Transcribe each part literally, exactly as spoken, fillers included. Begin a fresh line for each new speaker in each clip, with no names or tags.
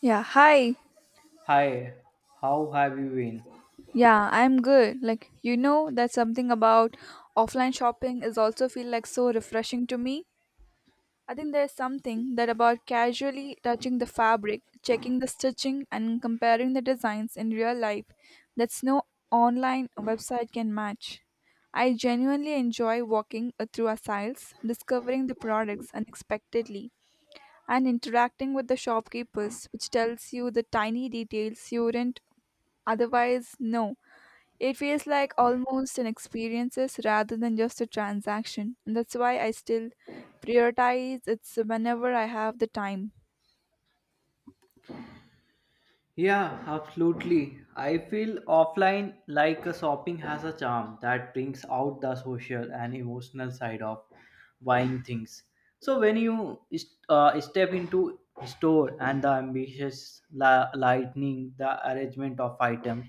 Yeah, hi.
Hi, how have you been?
Yeah, I'm good. Like, you know that something about offline shopping is also feel like so refreshing to me. I think there's something that about casually touching the fabric, checking the stitching and comparing the designs in real life that's no online website can match. I genuinely enjoy walking uh, through aisles, discovering the products unexpectedly and interacting with the shopkeepers which tells you the tiny details you wouldn't otherwise know. It feels like almost an experiences rather than just a transaction, and that's why I still prioritize it's whenever I have the time.
Yeah, absolutely. I feel offline like a shopping has a charm that brings out the social and emotional side of buying things. So when you is- uh, step into store and the ambitious la- lightning, the arrangement of items,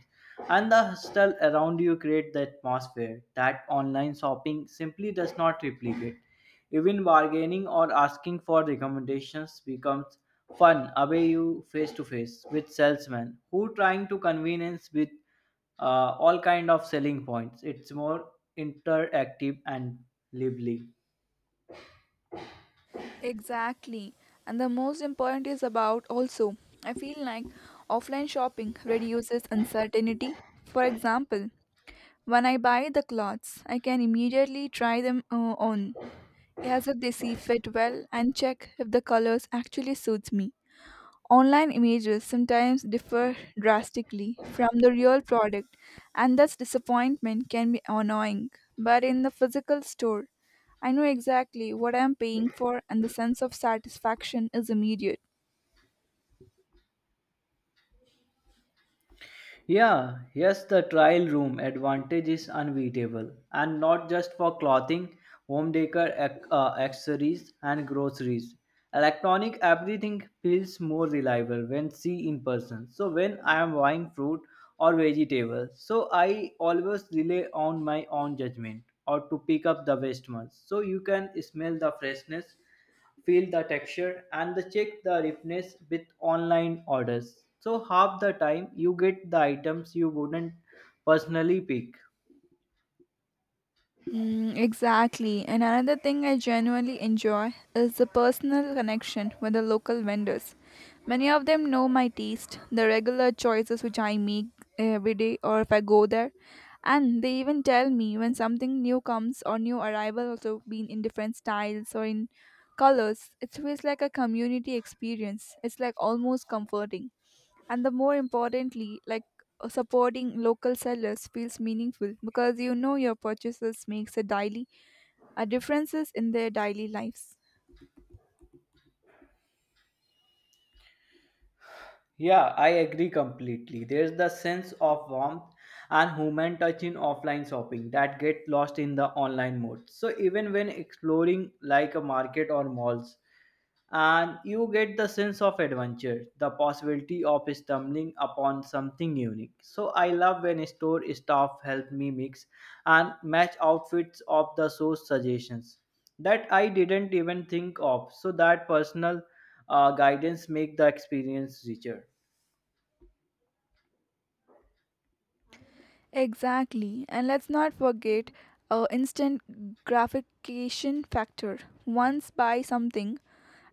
and the hustle around you create the atmosphere that online shopping simply does not replicate. Even bargaining or asking for recommendations becomes fun away you face to face with salesmen who trying to convenience with uh, all kind of selling points. It's more interactive and lively.
Exactly. And the most important is about also, I feel like offline shopping reduces uncertainty. For example, when I buy the clothes, I can immediately try them uh, on as if they see fit well and check if the colors actually suits me. Online images sometimes differ drastically from the real product, and thus disappointment can be annoying. But in the physical store, I know exactly what I am paying for, and the sense of satisfaction is immediate.
Yeah, yes, the trial room advantage is unbeatable, and not just for clothing, home decor, ac- uh, accessories, and groceries. Electronic everything feels more reliable when see in person. So when I am buying fruit or vegetables, so I always rely on my own judgment or to pick up the best ones. So you can smell the freshness feel the texture and the check the ripeness with online orders so half the time you get the items you wouldn't personally pick.
Mm, exactly. And another thing I genuinely enjoy is the personal connection with the local vendors. Many of them know my taste, the regular choices which I make every day or if I go there. And they even tell me when something new comes or new arrival also being in different styles or in colors. It feels like a community experience. It's like almost comforting and the more importantly like uh, supporting local sellers feels meaningful because you know your purchases makes a daily a differences in their daily lives.
Yeah, I agree completely. There's the sense of warmth and human touch in offline shopping that get lost in the online mode, so even when exploring like a market or malls and you get the sense of adventure, the possibility of stumbling upon something unique. So I love when store staff help me mix and match outfits of the source suggestions that I didn't even think of. So that personal uh, guidance make the experience richer.
Exactly, and let's not forget uh, instant gratification factor once buy something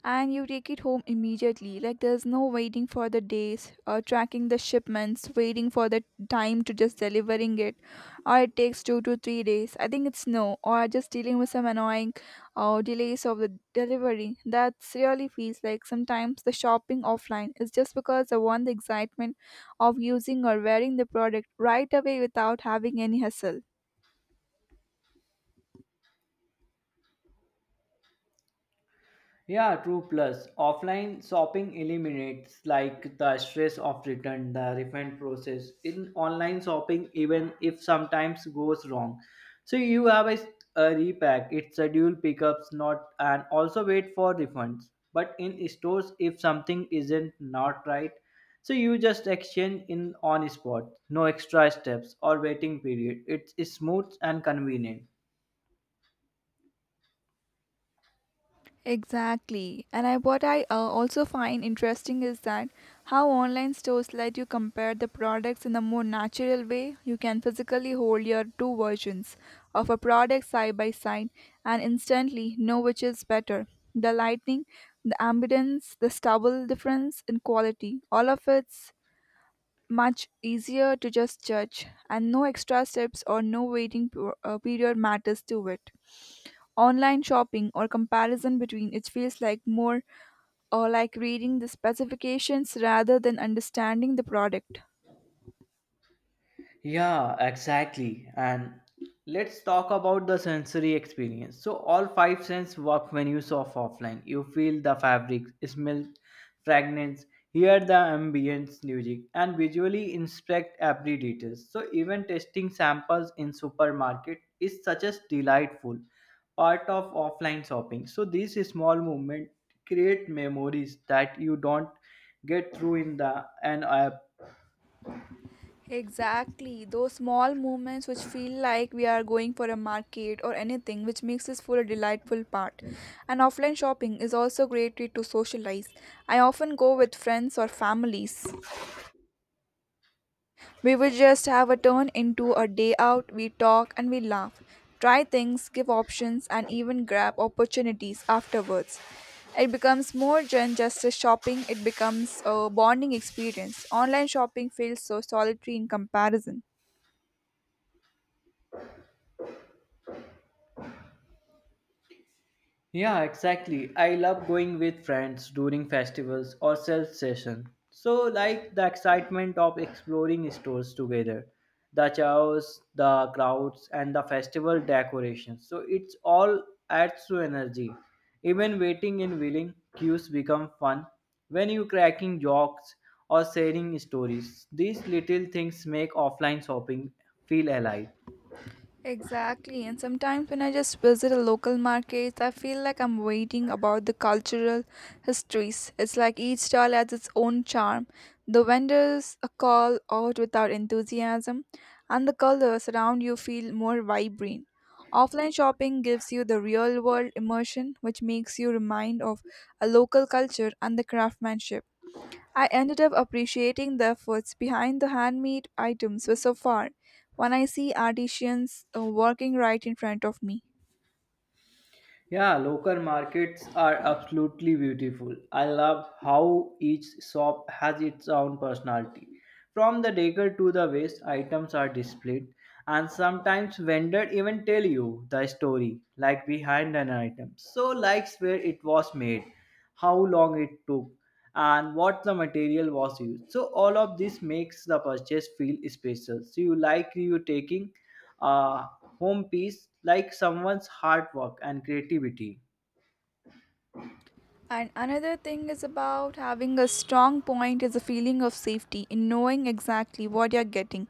and you take it home immediately. Like there's no waiting for the days or tracking the shipments, waiting for the time to just delivering it, or it takes two to three days. I think it's no, or just dealing with some annoying uh, delays of the delivery. That's really feels like sometimes the shopping offline is just because I want the excitement of using or wearing the product right away without having any hassle.
Yeah, true. Plus, offline shopping eliminates like the stress of return, the refund process. In online shopping, even if sometimes goes wrong, so you have a, a repack. It's schedule pickups, not and also wait for refunds. But in stores, if something isn't not right, so you just exchange in on spot. No extra steps or waiting period. It's smooth and convenient.
Exactly. And I, what I uh, also find interesting is that how online stores let you compare the products in a more natural way. You can physically hold your two versions of a product side by side and instantly know which is better. The lighting, the ambience, the stubble difference in quality, all of it's much easier to just judge, and no extra steps or no waiting per- uh, period matters to it online shopping or comparison between it feels like more uh, like reading the specifications rather than understanding the product.
Yeah, exactly. And let's talk about the sensory experience. So all five senses work when you surf offline. You feel the fabric, smell fragrance, hear the ambient music, and visually inspect every detail. So even testing samples in supermarket is such a delightful part of offline shopping. So these small movements create memories that you don't get through in the an app.
Exactly those small moments which feel like we are going for a market or anything which makes this for a delightful part, and offline shopping is also great way to socialize. I often go with friends or families. We would just have a turn into a day out, we talk and we laugh, try things, give options, and even grab opportunities afterwards. It becomes more than just a shopping, it becomes a bonding experience. Online shopping feels so solitary in comparison.
Yeah, exactly. I love going with friends during festivals or sales session. So like the excitement of exploring stores together, the chaos, the crowds and the festival decorations. So it's all adds to energy. Even waiting in willing queues become fun when you cracking jokes or sharing stories. These little things make offline shopping feel alive.
Exactly, and sometimes when I just visit a local market, I feel like I'm waiting about the cultural histories. It's like each stall has its own charm. The vendors uh, call out without enthusiasm, and the colors around you feel more vibrant. Offline shopping gives you the real world immersion, which makes you remind of a local culture and the craftsmanship. I ended up appreciating the efforts behind the handmade items for so far when I see artisans uh, working right in front of me.
Yeah, local markets are absolutely beautiful. I love how each shop has its own personality. From the decor to the waste, items are displayed, and sometimes vendor even tell you the story, like behind an item. So, like where it was made, how long it took, and what the material was used. So, all of this makes the purchase feel special. So, you like you taking uh, home piece like someone's hard work and creativity.
And another thing is about having a strong point is a feeling of safety in knowing exactly what you're getting.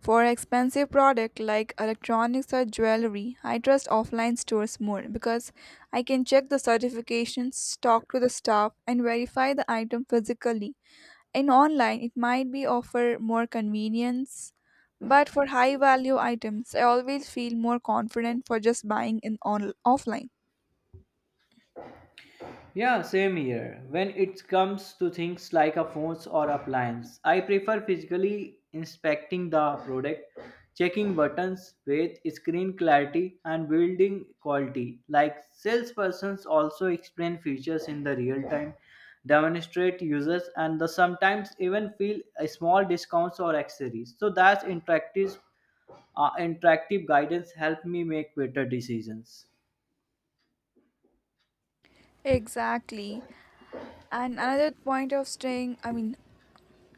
For expensive product like electronics or jewelry, I trust offline stores more because I can check the certifications, talk to the staff and verify the item physically. In online it might be offer more convenience, but for high value items I always feel more confident for just buying in on offline.
Yeah, same here. When it comes to things like a phones or appliance, I prefer physically inspecting the product, checking buttons, weight, screen clarity, and building quality. Like salespersons also explain features in the real time, demonstrate users, and the sometimes even feel a small discounts or accessories. So that's interactive Uh, interactive guidance helped me make better decisions.
Exactly, and another point of staying, I mean,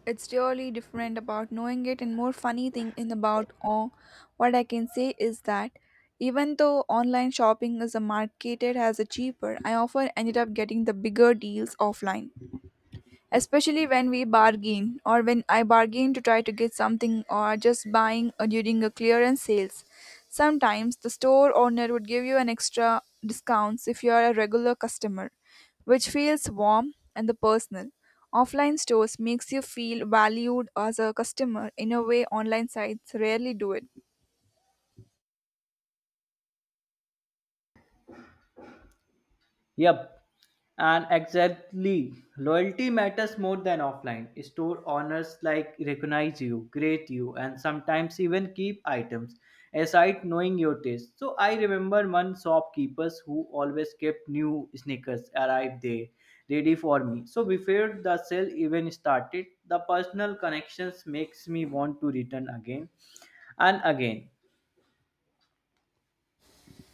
it's really different about knowing it and more funny thing in about all what I can say is that even though online shopping is a marketed as a cheaper I often ended up getting the bigger deals offline, especially when we bargain or when I bargain to try to get something or just buying uh, during a clearance sales. Sometimes the store owner would give you an extra discounts if you are a regular customer, which feels warm and the personal. Offline stores makes you feel valued as a customer in a way online sites rarely do it.
Yep, and exactly. Loyalty matters more than offline. Store owners like recognize you, grade you, and sometimes even keep items aside knowing your taste. So I remember one shopkeepers who always kept new sneakers arrived there ready for me. So before the sale even started, the personal connections makes me want to return again and again.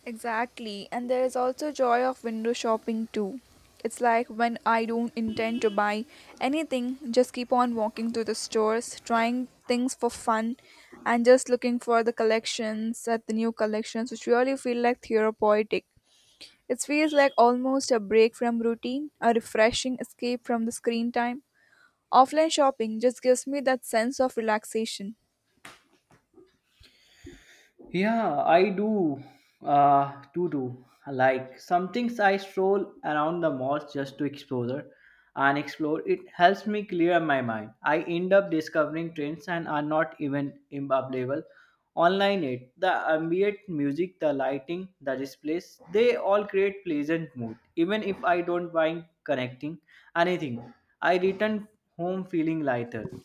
Exactly, and there is also joy of window shopping too. It's like when I don't intend to buy anything, just keep on walking to the stores, trying things for fun, and just looking for the collections at the new collections, which really feel like therapeutic. It feels like almost a break from routine, a refreshing escape from the screen time. Offline shopping just gives me that sense of relaxation.
Yeah, I do. Uh, do do. Like some things I stroll around the malls just to explore and explore. It helps me clear my mind. I end up discovering trends and are not even available online yet. The ambient music, the lighting, the displays, they all create pleasant mood. Even if I don't mind connecting anything, I return home feeling lighter.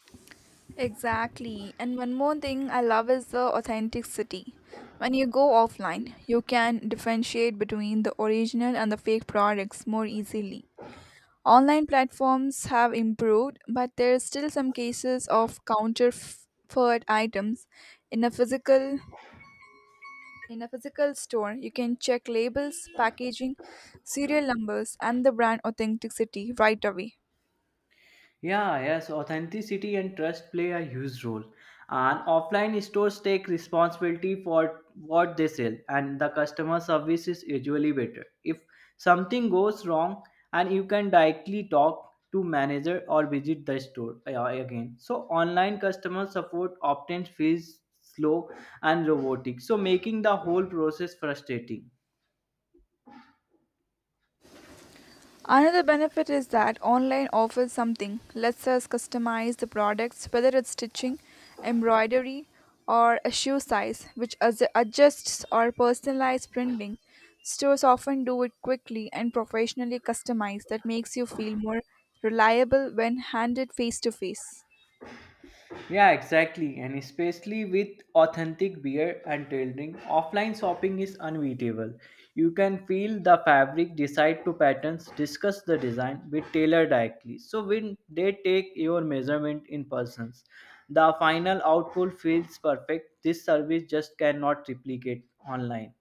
Exactly. And one more thing I love is the authenticity. When you go offline, you can differentiate between the original and the fake products more easily. Online platforms have improved, but there are still some cases of counterfeit items in a physical in a physical store. You can check labels, packaging, serial numbers, and the brand authenticity right away.
Yeah, yes, authenticity and trust play a huge role. And offline stores take responsibility for what they sell, and the customer service is usually better. If something goes wrong, and you can directly talk to manager or visit the store uh, again. So online customer support often feels slow and robotic, so making the whole process frustrating.
Another benefit is that online offers something. Lets us customize the products, whether it's stitching, embroidery, or a shoe size, which adj- adjusts or personalized printing. Stores often do it quickly and professionally customized, that makes you feel more reliable when handed face to face.
Yeah, exactly. And especially with authentic beer and tailoring, offline shopping is unbeatable. You can feel the fabric, decide to patterns, discuss the design with tailor directly. So when they take your measurement in persons, the final output feels perfect. This service just cannot replicate online.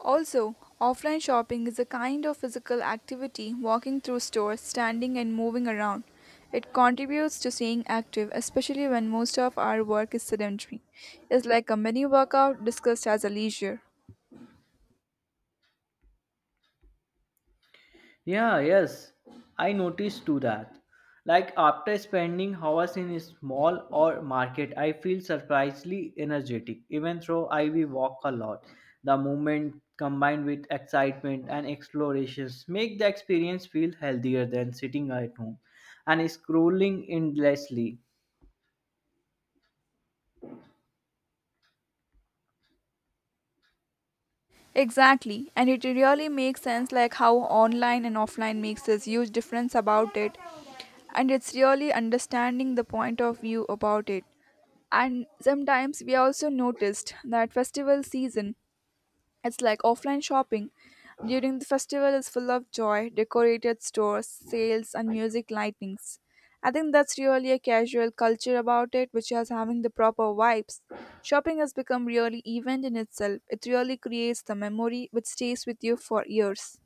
Also, offline shopping is a kind of physical activity, walking through stores, standing and moving around. It contributes to staying active, especially when most of our work is sedentary. It's like a mini workout discussed as a leisure.
Yeah, yes, I noticed too that. Like after spending hours in a small or market, I feel surprisingly energetic. Even though I will walk a lot, the movement combined with excitement and explorations make the experience feel healthier than sitting at home and scrolling endlessly.
Exactly, and it really makes sense like how online and offline makes this huge difference about it. And it's really understanding the point of view about it. And sometimes we also noticed that festival season. It's like offline shopping. During the festival is full of joy, decorated stores, sales and music lightnings. I think that's really a casual culture about it which is having the proper vibes. Shopping has become really event in itself. It really creates the memory which stays with you for years.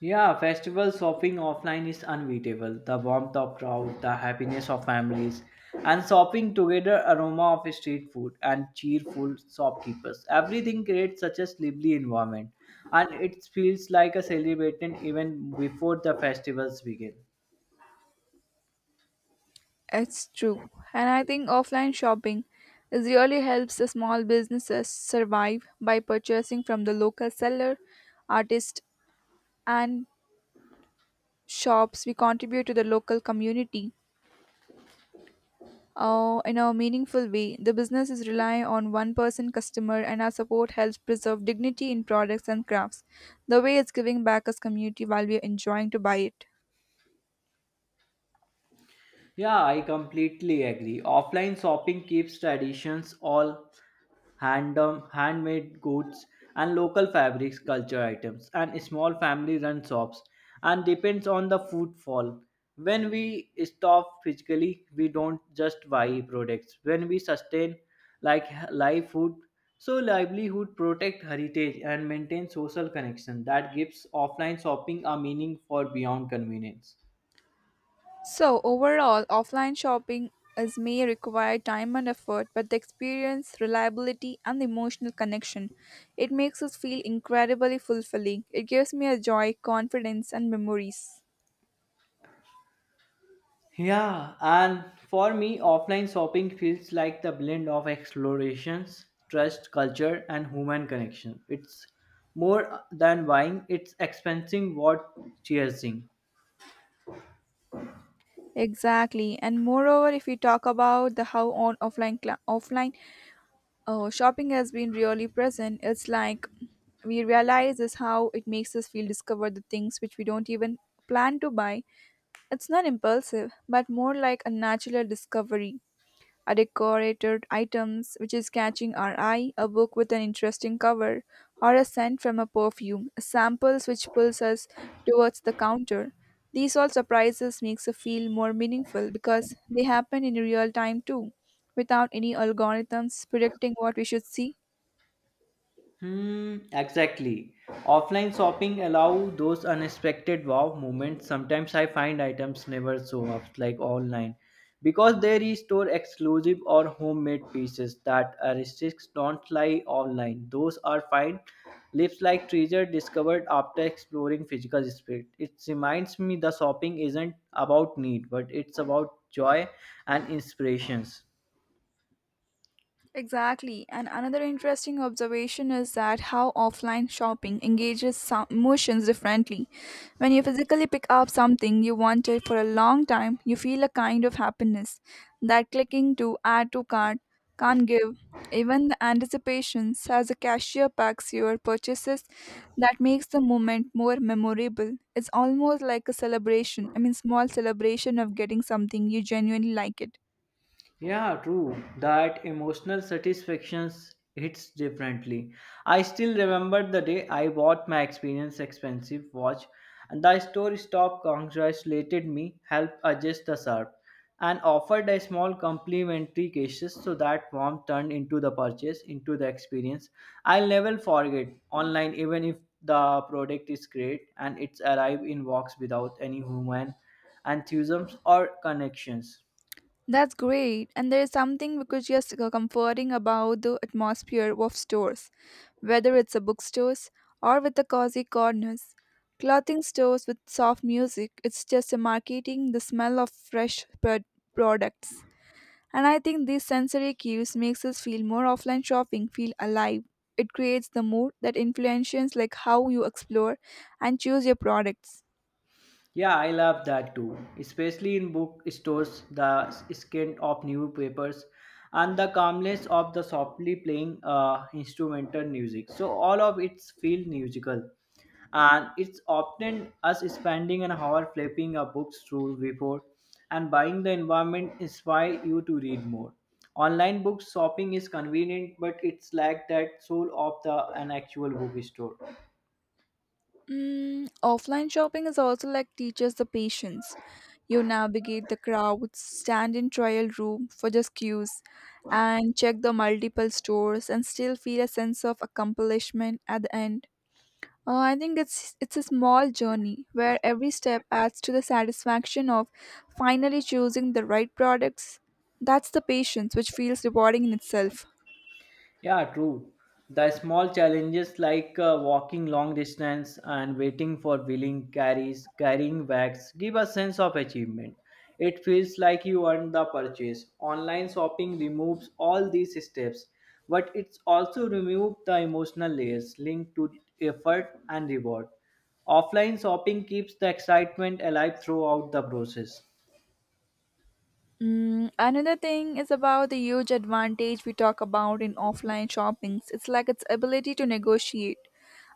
Yeah, festival shopping offline is unbeatable. The warmth of crowd, the happiness of families, and shopping together aroma of street food and cheerful shopkeepers. Everything creates such a lively environment and it feels like a celebration even before the festivals begin.
It's true. And I think offline shopping is really helps the small businesses survive by purchasing from the local seller, artist and shops, we contribute to the local community uh, in a meaningful way. The business is relying on one person customer, and our support helps preserve dignity in products and crafts. The way it's giving back as community while we are enjoying to buy it.
Yeah, I completely agree. Offline shopping keeps traditions all hand handmade goods and local fabrics, culture items, and small family-run shops, and depends on the footfall. When we stop physically, we don't just buy products. When we sustain like live food, so livelihood protect heritage and maintain social connection. That gives offline shopping a meaning for beyond convenience.
So overall, offline shopping is may require time and effort, but the experience, reliability, and the emotional connection, it makes us feel incredibly fulfilling. It gives me a joy, confidence, and memories.
Yeah, and for me, offline shopping feels like the blend of explorations, trust, culture, and human connection. It's more than buying, it's experiencing what cheersing.
Exactly, and moreover, if we talk about the how on offline cla offline uh, shopping has been really present, it's like we realize is how it makes us feel discover the things which we don't even plan to buy. It's not impulsive, but more like a natural discovery, a decorated items which is catching our eye, a book with an interesting cover, or a scent from a perfume, samples which pulls us towards the counter. These all surprises makes us feel more meaningful because they happen in real time too, without any algorithms predicting what we should see.
Hmm, exactly. Offline shopping allow those unexpected wow moments. Sometimes I find items never show up like online because they restore exclusive or homemade pieces that artists don't lie online. Those are fine. Lips like treasure discovered after exploring physical space. It reminds me the shopping isn't about need, but it's about joy and inspirations.
Exactly. And another interesting observation is that how offline shopping engages some emotions differently. When you physically pick up something you wanted for a long time, you feel a kind of happiness that clicking to add to cart can't give. Even the anticipations as the cashier packs your purchases that makes the moment more memorable. It's almost like a celebration. I mean small celebration of getting something you genuinely like it.
Yeah, true. That emotional satisfactions hits differently. I still remember the day I bought my experience expensive watch and the store stop congratulated me, helped adjust the sharp, and offered a small complimentary case so that warmth turned into the purchase, into the experience. I'll never forget online even if the product is great and it's arrived in box without any human enthusiasm or connections.
That's great, and there is something which is just uh, comforting about the atmosphere of stores, whether it's a bookstores or with the cozy corners. Clothing stores with soft music, it's just a marketing the smell of fresh pro- products. And I think these sensory cues makes us feel more offline shopping feel alive. It creates the mood that influences like how you explore and choose your products.
Yeah, I love that too. Especially in bookstores, the scent of newspapers and the calmness of the softly playing uh, instrumental music. So all of it feels musical. And it's often us spending an hour flipping a book through before and buying the environment inspire you to read more. Online book shopping is convenient, but it's like that soul of the an actual bookstore.
Mm, offline shopping is also like teaches the patience. You navigate the crowds, stand in trial room for just queues, and check the multiple stores and still feel a sense of accomplishment at the end. Uh, I think it's it's a small journey where every step adds to the satisfaction of finally choosing the right products. That's the patience which feels rewarding in itself.
Yeah, true. The small challenges like uh, walking long distance and waiting for wheeling carries, carrying bags give a sense of achievement. It feels like you earned the purchase. Online shopping removes all these steps, but it's also removed the emotional layers linked to effort and reward. Offline shopping keeps the excitement alive throughout the process.
Mm, another thing is about the huge advantage we talk about in offline shoppings. It's like its ability to negotiate.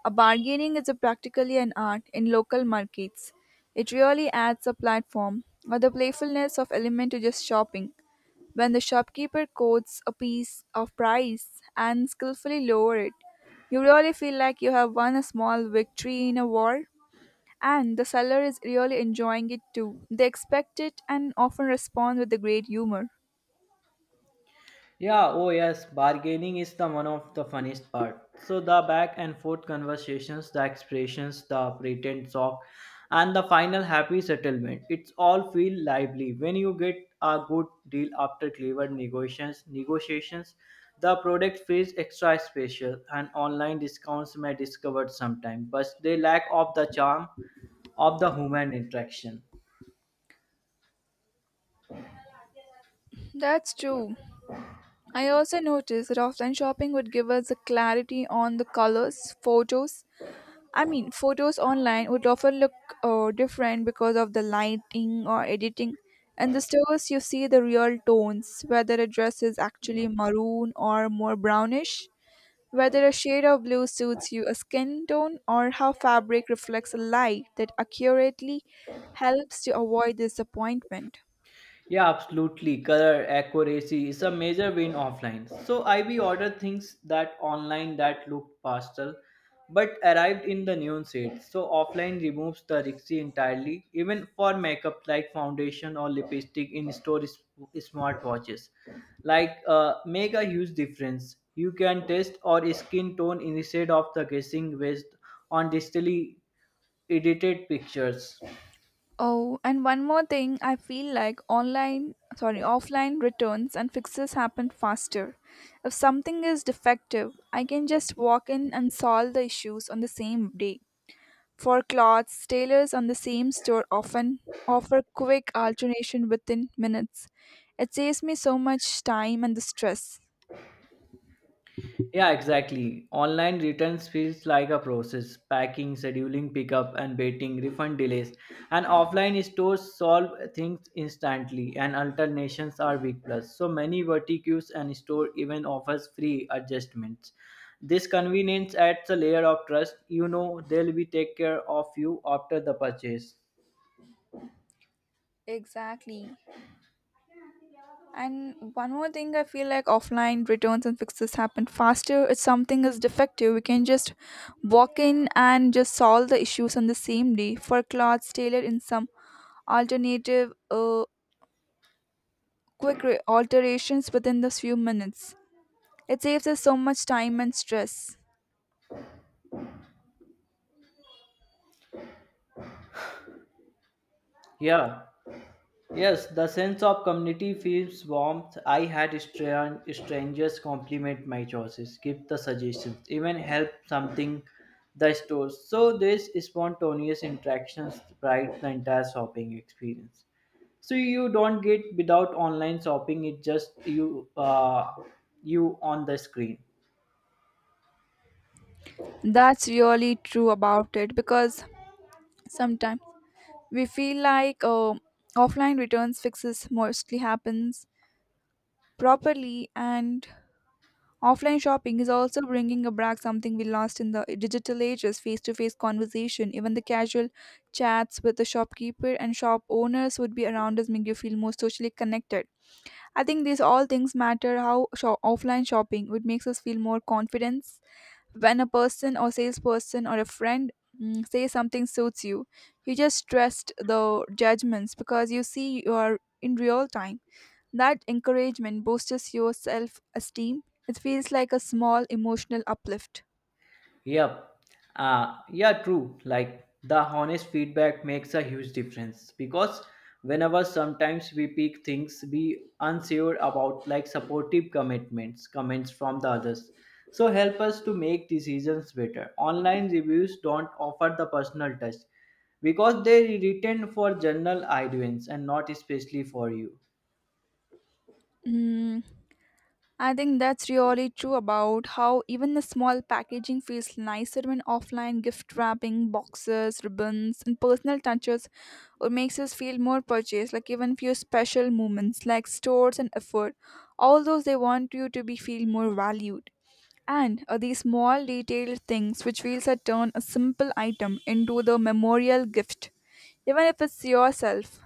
A bargaining is a practically an art in local markets. It really adds a platform or the playfulness of element to just shopping. When the shopkeeper quotes a piece of price and skillfully lower it, you really feel like you have won a small victory in a war. And the seller is really enjoying it too. They expect it and often respond with a great humor.
Yeah, oh yes, bargaining is the one of the funniest part. So the back and forth conversations, the expressions, the pretend shock, and the final happy settlement. It's all feel lively when you get a good deal after clever negotiations. Negotiations, the product feels extra special, and online discounts may discovered sometime, but they lack of the charm of the human interaction.
That's true. I also noticed that offline shopping would give us the clarity on the colors, photos. I mean, photos online would often look uh, different because of the lighting or editing. In the stores, you see the real tones, whether a dress is actually maroon or more brownish. Whether a shade of blue suits you a skin tone or how fabric reflects a light that accurately helps to avoid disappointment.
Yeah, absolutely. Color accuracy is a major win offline. So I B ordered things that online that looked pastel but arrived in the neon shade. So offline removes the risky entirely, even for makeup like foundation or lipstick in store is- smartwatches. Like uh, make a huge difference. You can test or skin tone instead of the guessing based on digitally edited pictures.
Oh, and one more thing, I feel like online, sorry, offline returns and fixes happen faster. If something is defective, I can just walk in and solve the issues on the same day. For clothes, tailors on the same store often offer quick alternation within minutes. It saves me so much time and the stress.
Yeah, exactly. Online returns feels like a process. Packing, scheduling pickup and waiting, refund delays. And offline stores solve things instantly and alternations are big plus. So many verticals and store even offers free adjustments. This convenience adds a layer of trust. You know they'll be take care of you after the purchase.
Exactly. And one more thing, I feel like offline returns and fixes happen faster. If something is defective, we can just walk in and just solve the issues on the same day. For clothes tailored in some alternative, uh, quick re- alterations within the few minutes. It saves us so much time and stress.
Yeah. Yes, the sense of community feels warmth. I had stra- strangers compliment my choices, give the suggestions, even help something the stores. So this spontaneous interactions bright the entire shopping experience. So you don't get without online shopping. It's just you, uh, you on the screen.
That's really true about it because sometimes we feel like uh, offline returns fixes mostly happens properly and offline shopping is also bringing back something we lost in the digital ages face to face conversation, even the casual chats with the shopkeeper and shop owners would be around us, make you feel more socially connected. I think these all things matter how sho- offline shopping would makes us feel more confidence when a person or salesperson or a friend mm, say something suits you. You just trust the judgments because you see you are in real time. That encouragement boosts your self esteem. It feels like a small emotional uplift.
Yep. Uh, yeah, true. Like the honest feedback makes a huge difference because whenever sometimes we pick things we unsure about like supportive commitments, comments from the others. So help us to make decisions better. Online reviews don't offer the personal touch because they are written for general audience and not especially for you.
Mm, I think that's really true about how even the small packaging feels nicer when offline gift wrapping, boxes, ribbons, and personal touches or makes us feel more purchased, like even few special moments like stores and effort. All those they want you to be feel more valued. And uh, these small detailed things which feels a turn a simple item into the memorial gift, even if it's yourself.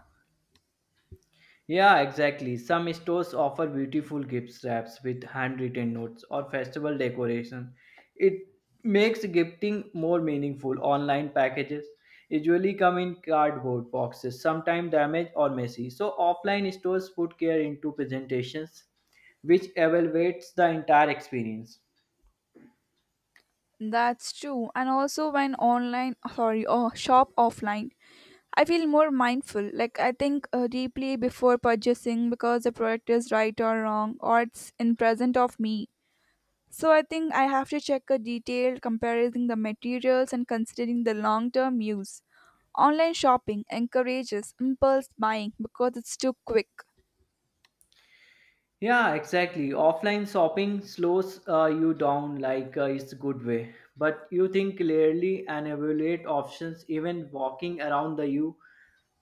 Yeah, exactly. Some stores offer beautiful gift wraps with handwritten notes or festival decoration. It makes gifting more meaningful. Online packages usually come in cardboard boxes, sometimes damaged or messy. So offline stores put care into presentations, which elevates the entire experience.
That's true. And also when online sorry or shop offline I feel more mindful. Like I think uh, deeply before purchasing because the product is right or wrong or it's in present of me. So I think I have to check a detailed comparing the materials and considering the long-term use. Online shopping encourages impulse buying because it's too quick.
Yeah, exactly. Offline shopping slows uh, you down like uh, it's a good way. But you think clearly and evaluate options, even walking around the you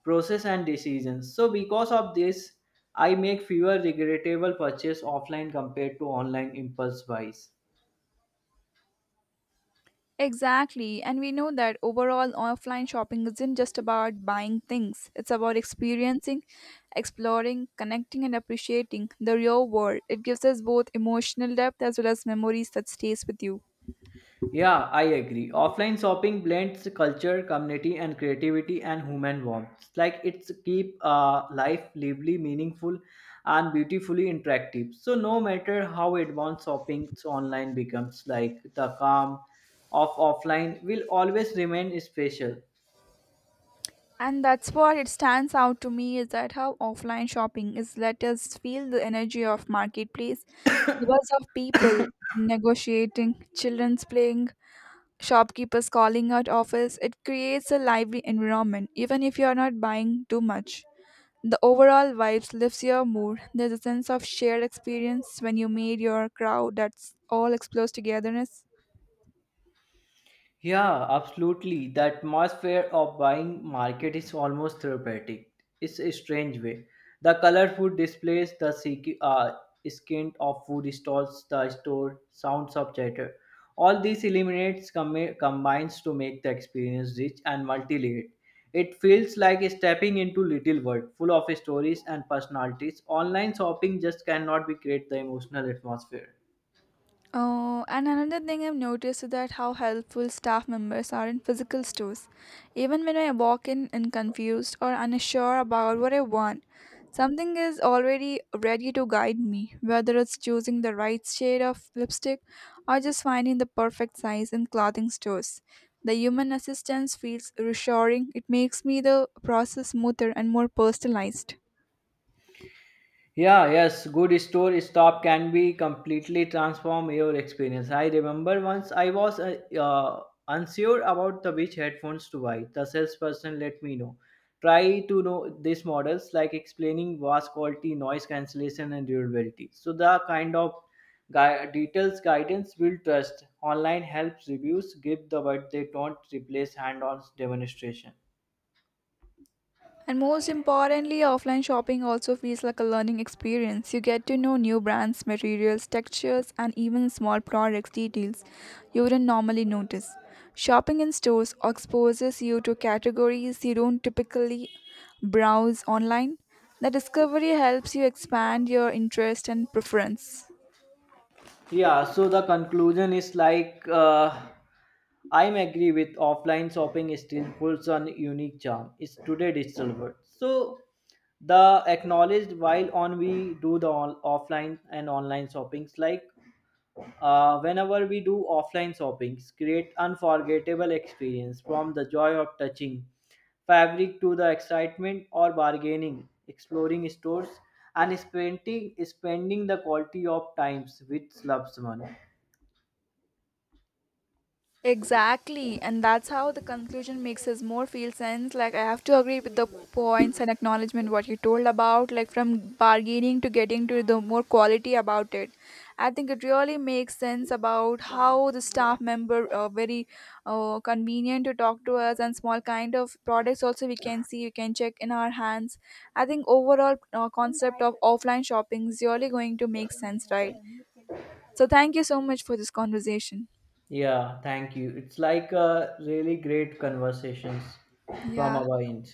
process and decisions. So because of this, I make fewer regrettable purchase offline compared to online impulse buys.
Exactly, and we know that overall offline shopping isn't just about buying things, it's about experiencing, exploring, connecting, and appreciating the real world. It gives us both emotional depth as well as memories that stays with you.
Yeah, I agree. Offline shopping blends culture, community, and creativity and human warmth. Like it's keep uh, life lively, meaningful, and beautifully interactive. So no matter how advanced shopping online becomes, like the calm of offline will always remain special.
And that's what it stands out to me is that how offline shopping is let us feel the energy of marketplace, the buzz of people negotiating, children's playing, shopkeepers calling out offers. It creates a lively environment, even if you're not buying too much. The overall vibes lifts your mood. There's a sense of shared experience when you meet your crowd that's all explores togetherness.
Yeah, absolutely. The atmosphere of buying market is almost therapeutic. It's a strange way. The colorful displays, the seek- uh, skin of food stalls, the store sounds of chatter. All these eliminates com- combines to make the experience rich and multi-layered. It feels like stepping into little world full of stories and personalities. Online shopping just cannot be create the emotional atmosphere.
Oh, and another thing I've noticed is that how helpful staff members are in physical stores. Even when I walk in and confused or unsure about what I want, something is already ready to guide me, whether it's choosing the right shade of lipstick or just finding the perfect size in clothing stores. The human assistance feels reassuring. It makes me the process smoother and more personalized.
Yeah, yes, good store stop can be completely transform your experience. I remember once I was uh, uh, unsure about the which headphones to buy. The salesperson let me know. Try to know these models like explaining vast quality, noise cancellation, and durability. So the kind of gui- details guidance will trust. Online helps reviews give the but they don't replace hand-on demonstration.
And most importantly, offline shopping also feels like a learning experience. You get to know new brands, materials, textures, and even small products details you wouldn't normally notice. Shopping in stores exposes you to categories you don't typically browse online. The discovery helps you expand your interest and preference.
Yeah, so the conclusion is like uh, I'm agree with offline shopping still holds on unique charm. It's today digital world. So the acknowledged while on we do the on, offline and online shoppings like uh, whenever we do offline shoppings, create unforgettable experience from the joy of touching fabric to the excitement or bargaining, exploring stores, and spending spending the quality of times with loved one.
Exactly, and that's how the conclusion makes us more feel sense. Like I have to agree with the points and acknowledgement what you told about, like from bargaining to getting to the more quality about it. I think it really makes sense about how the staff member uh, very uh, convenient to talk to us and small kind of products also we can see we can check in our hands. I think overall uh, concept of offline shopping is really going to make sense, right? So thank you so much for this conversation.
Yeah, thank you. It's like a really great conversations from
Yeah.
our end.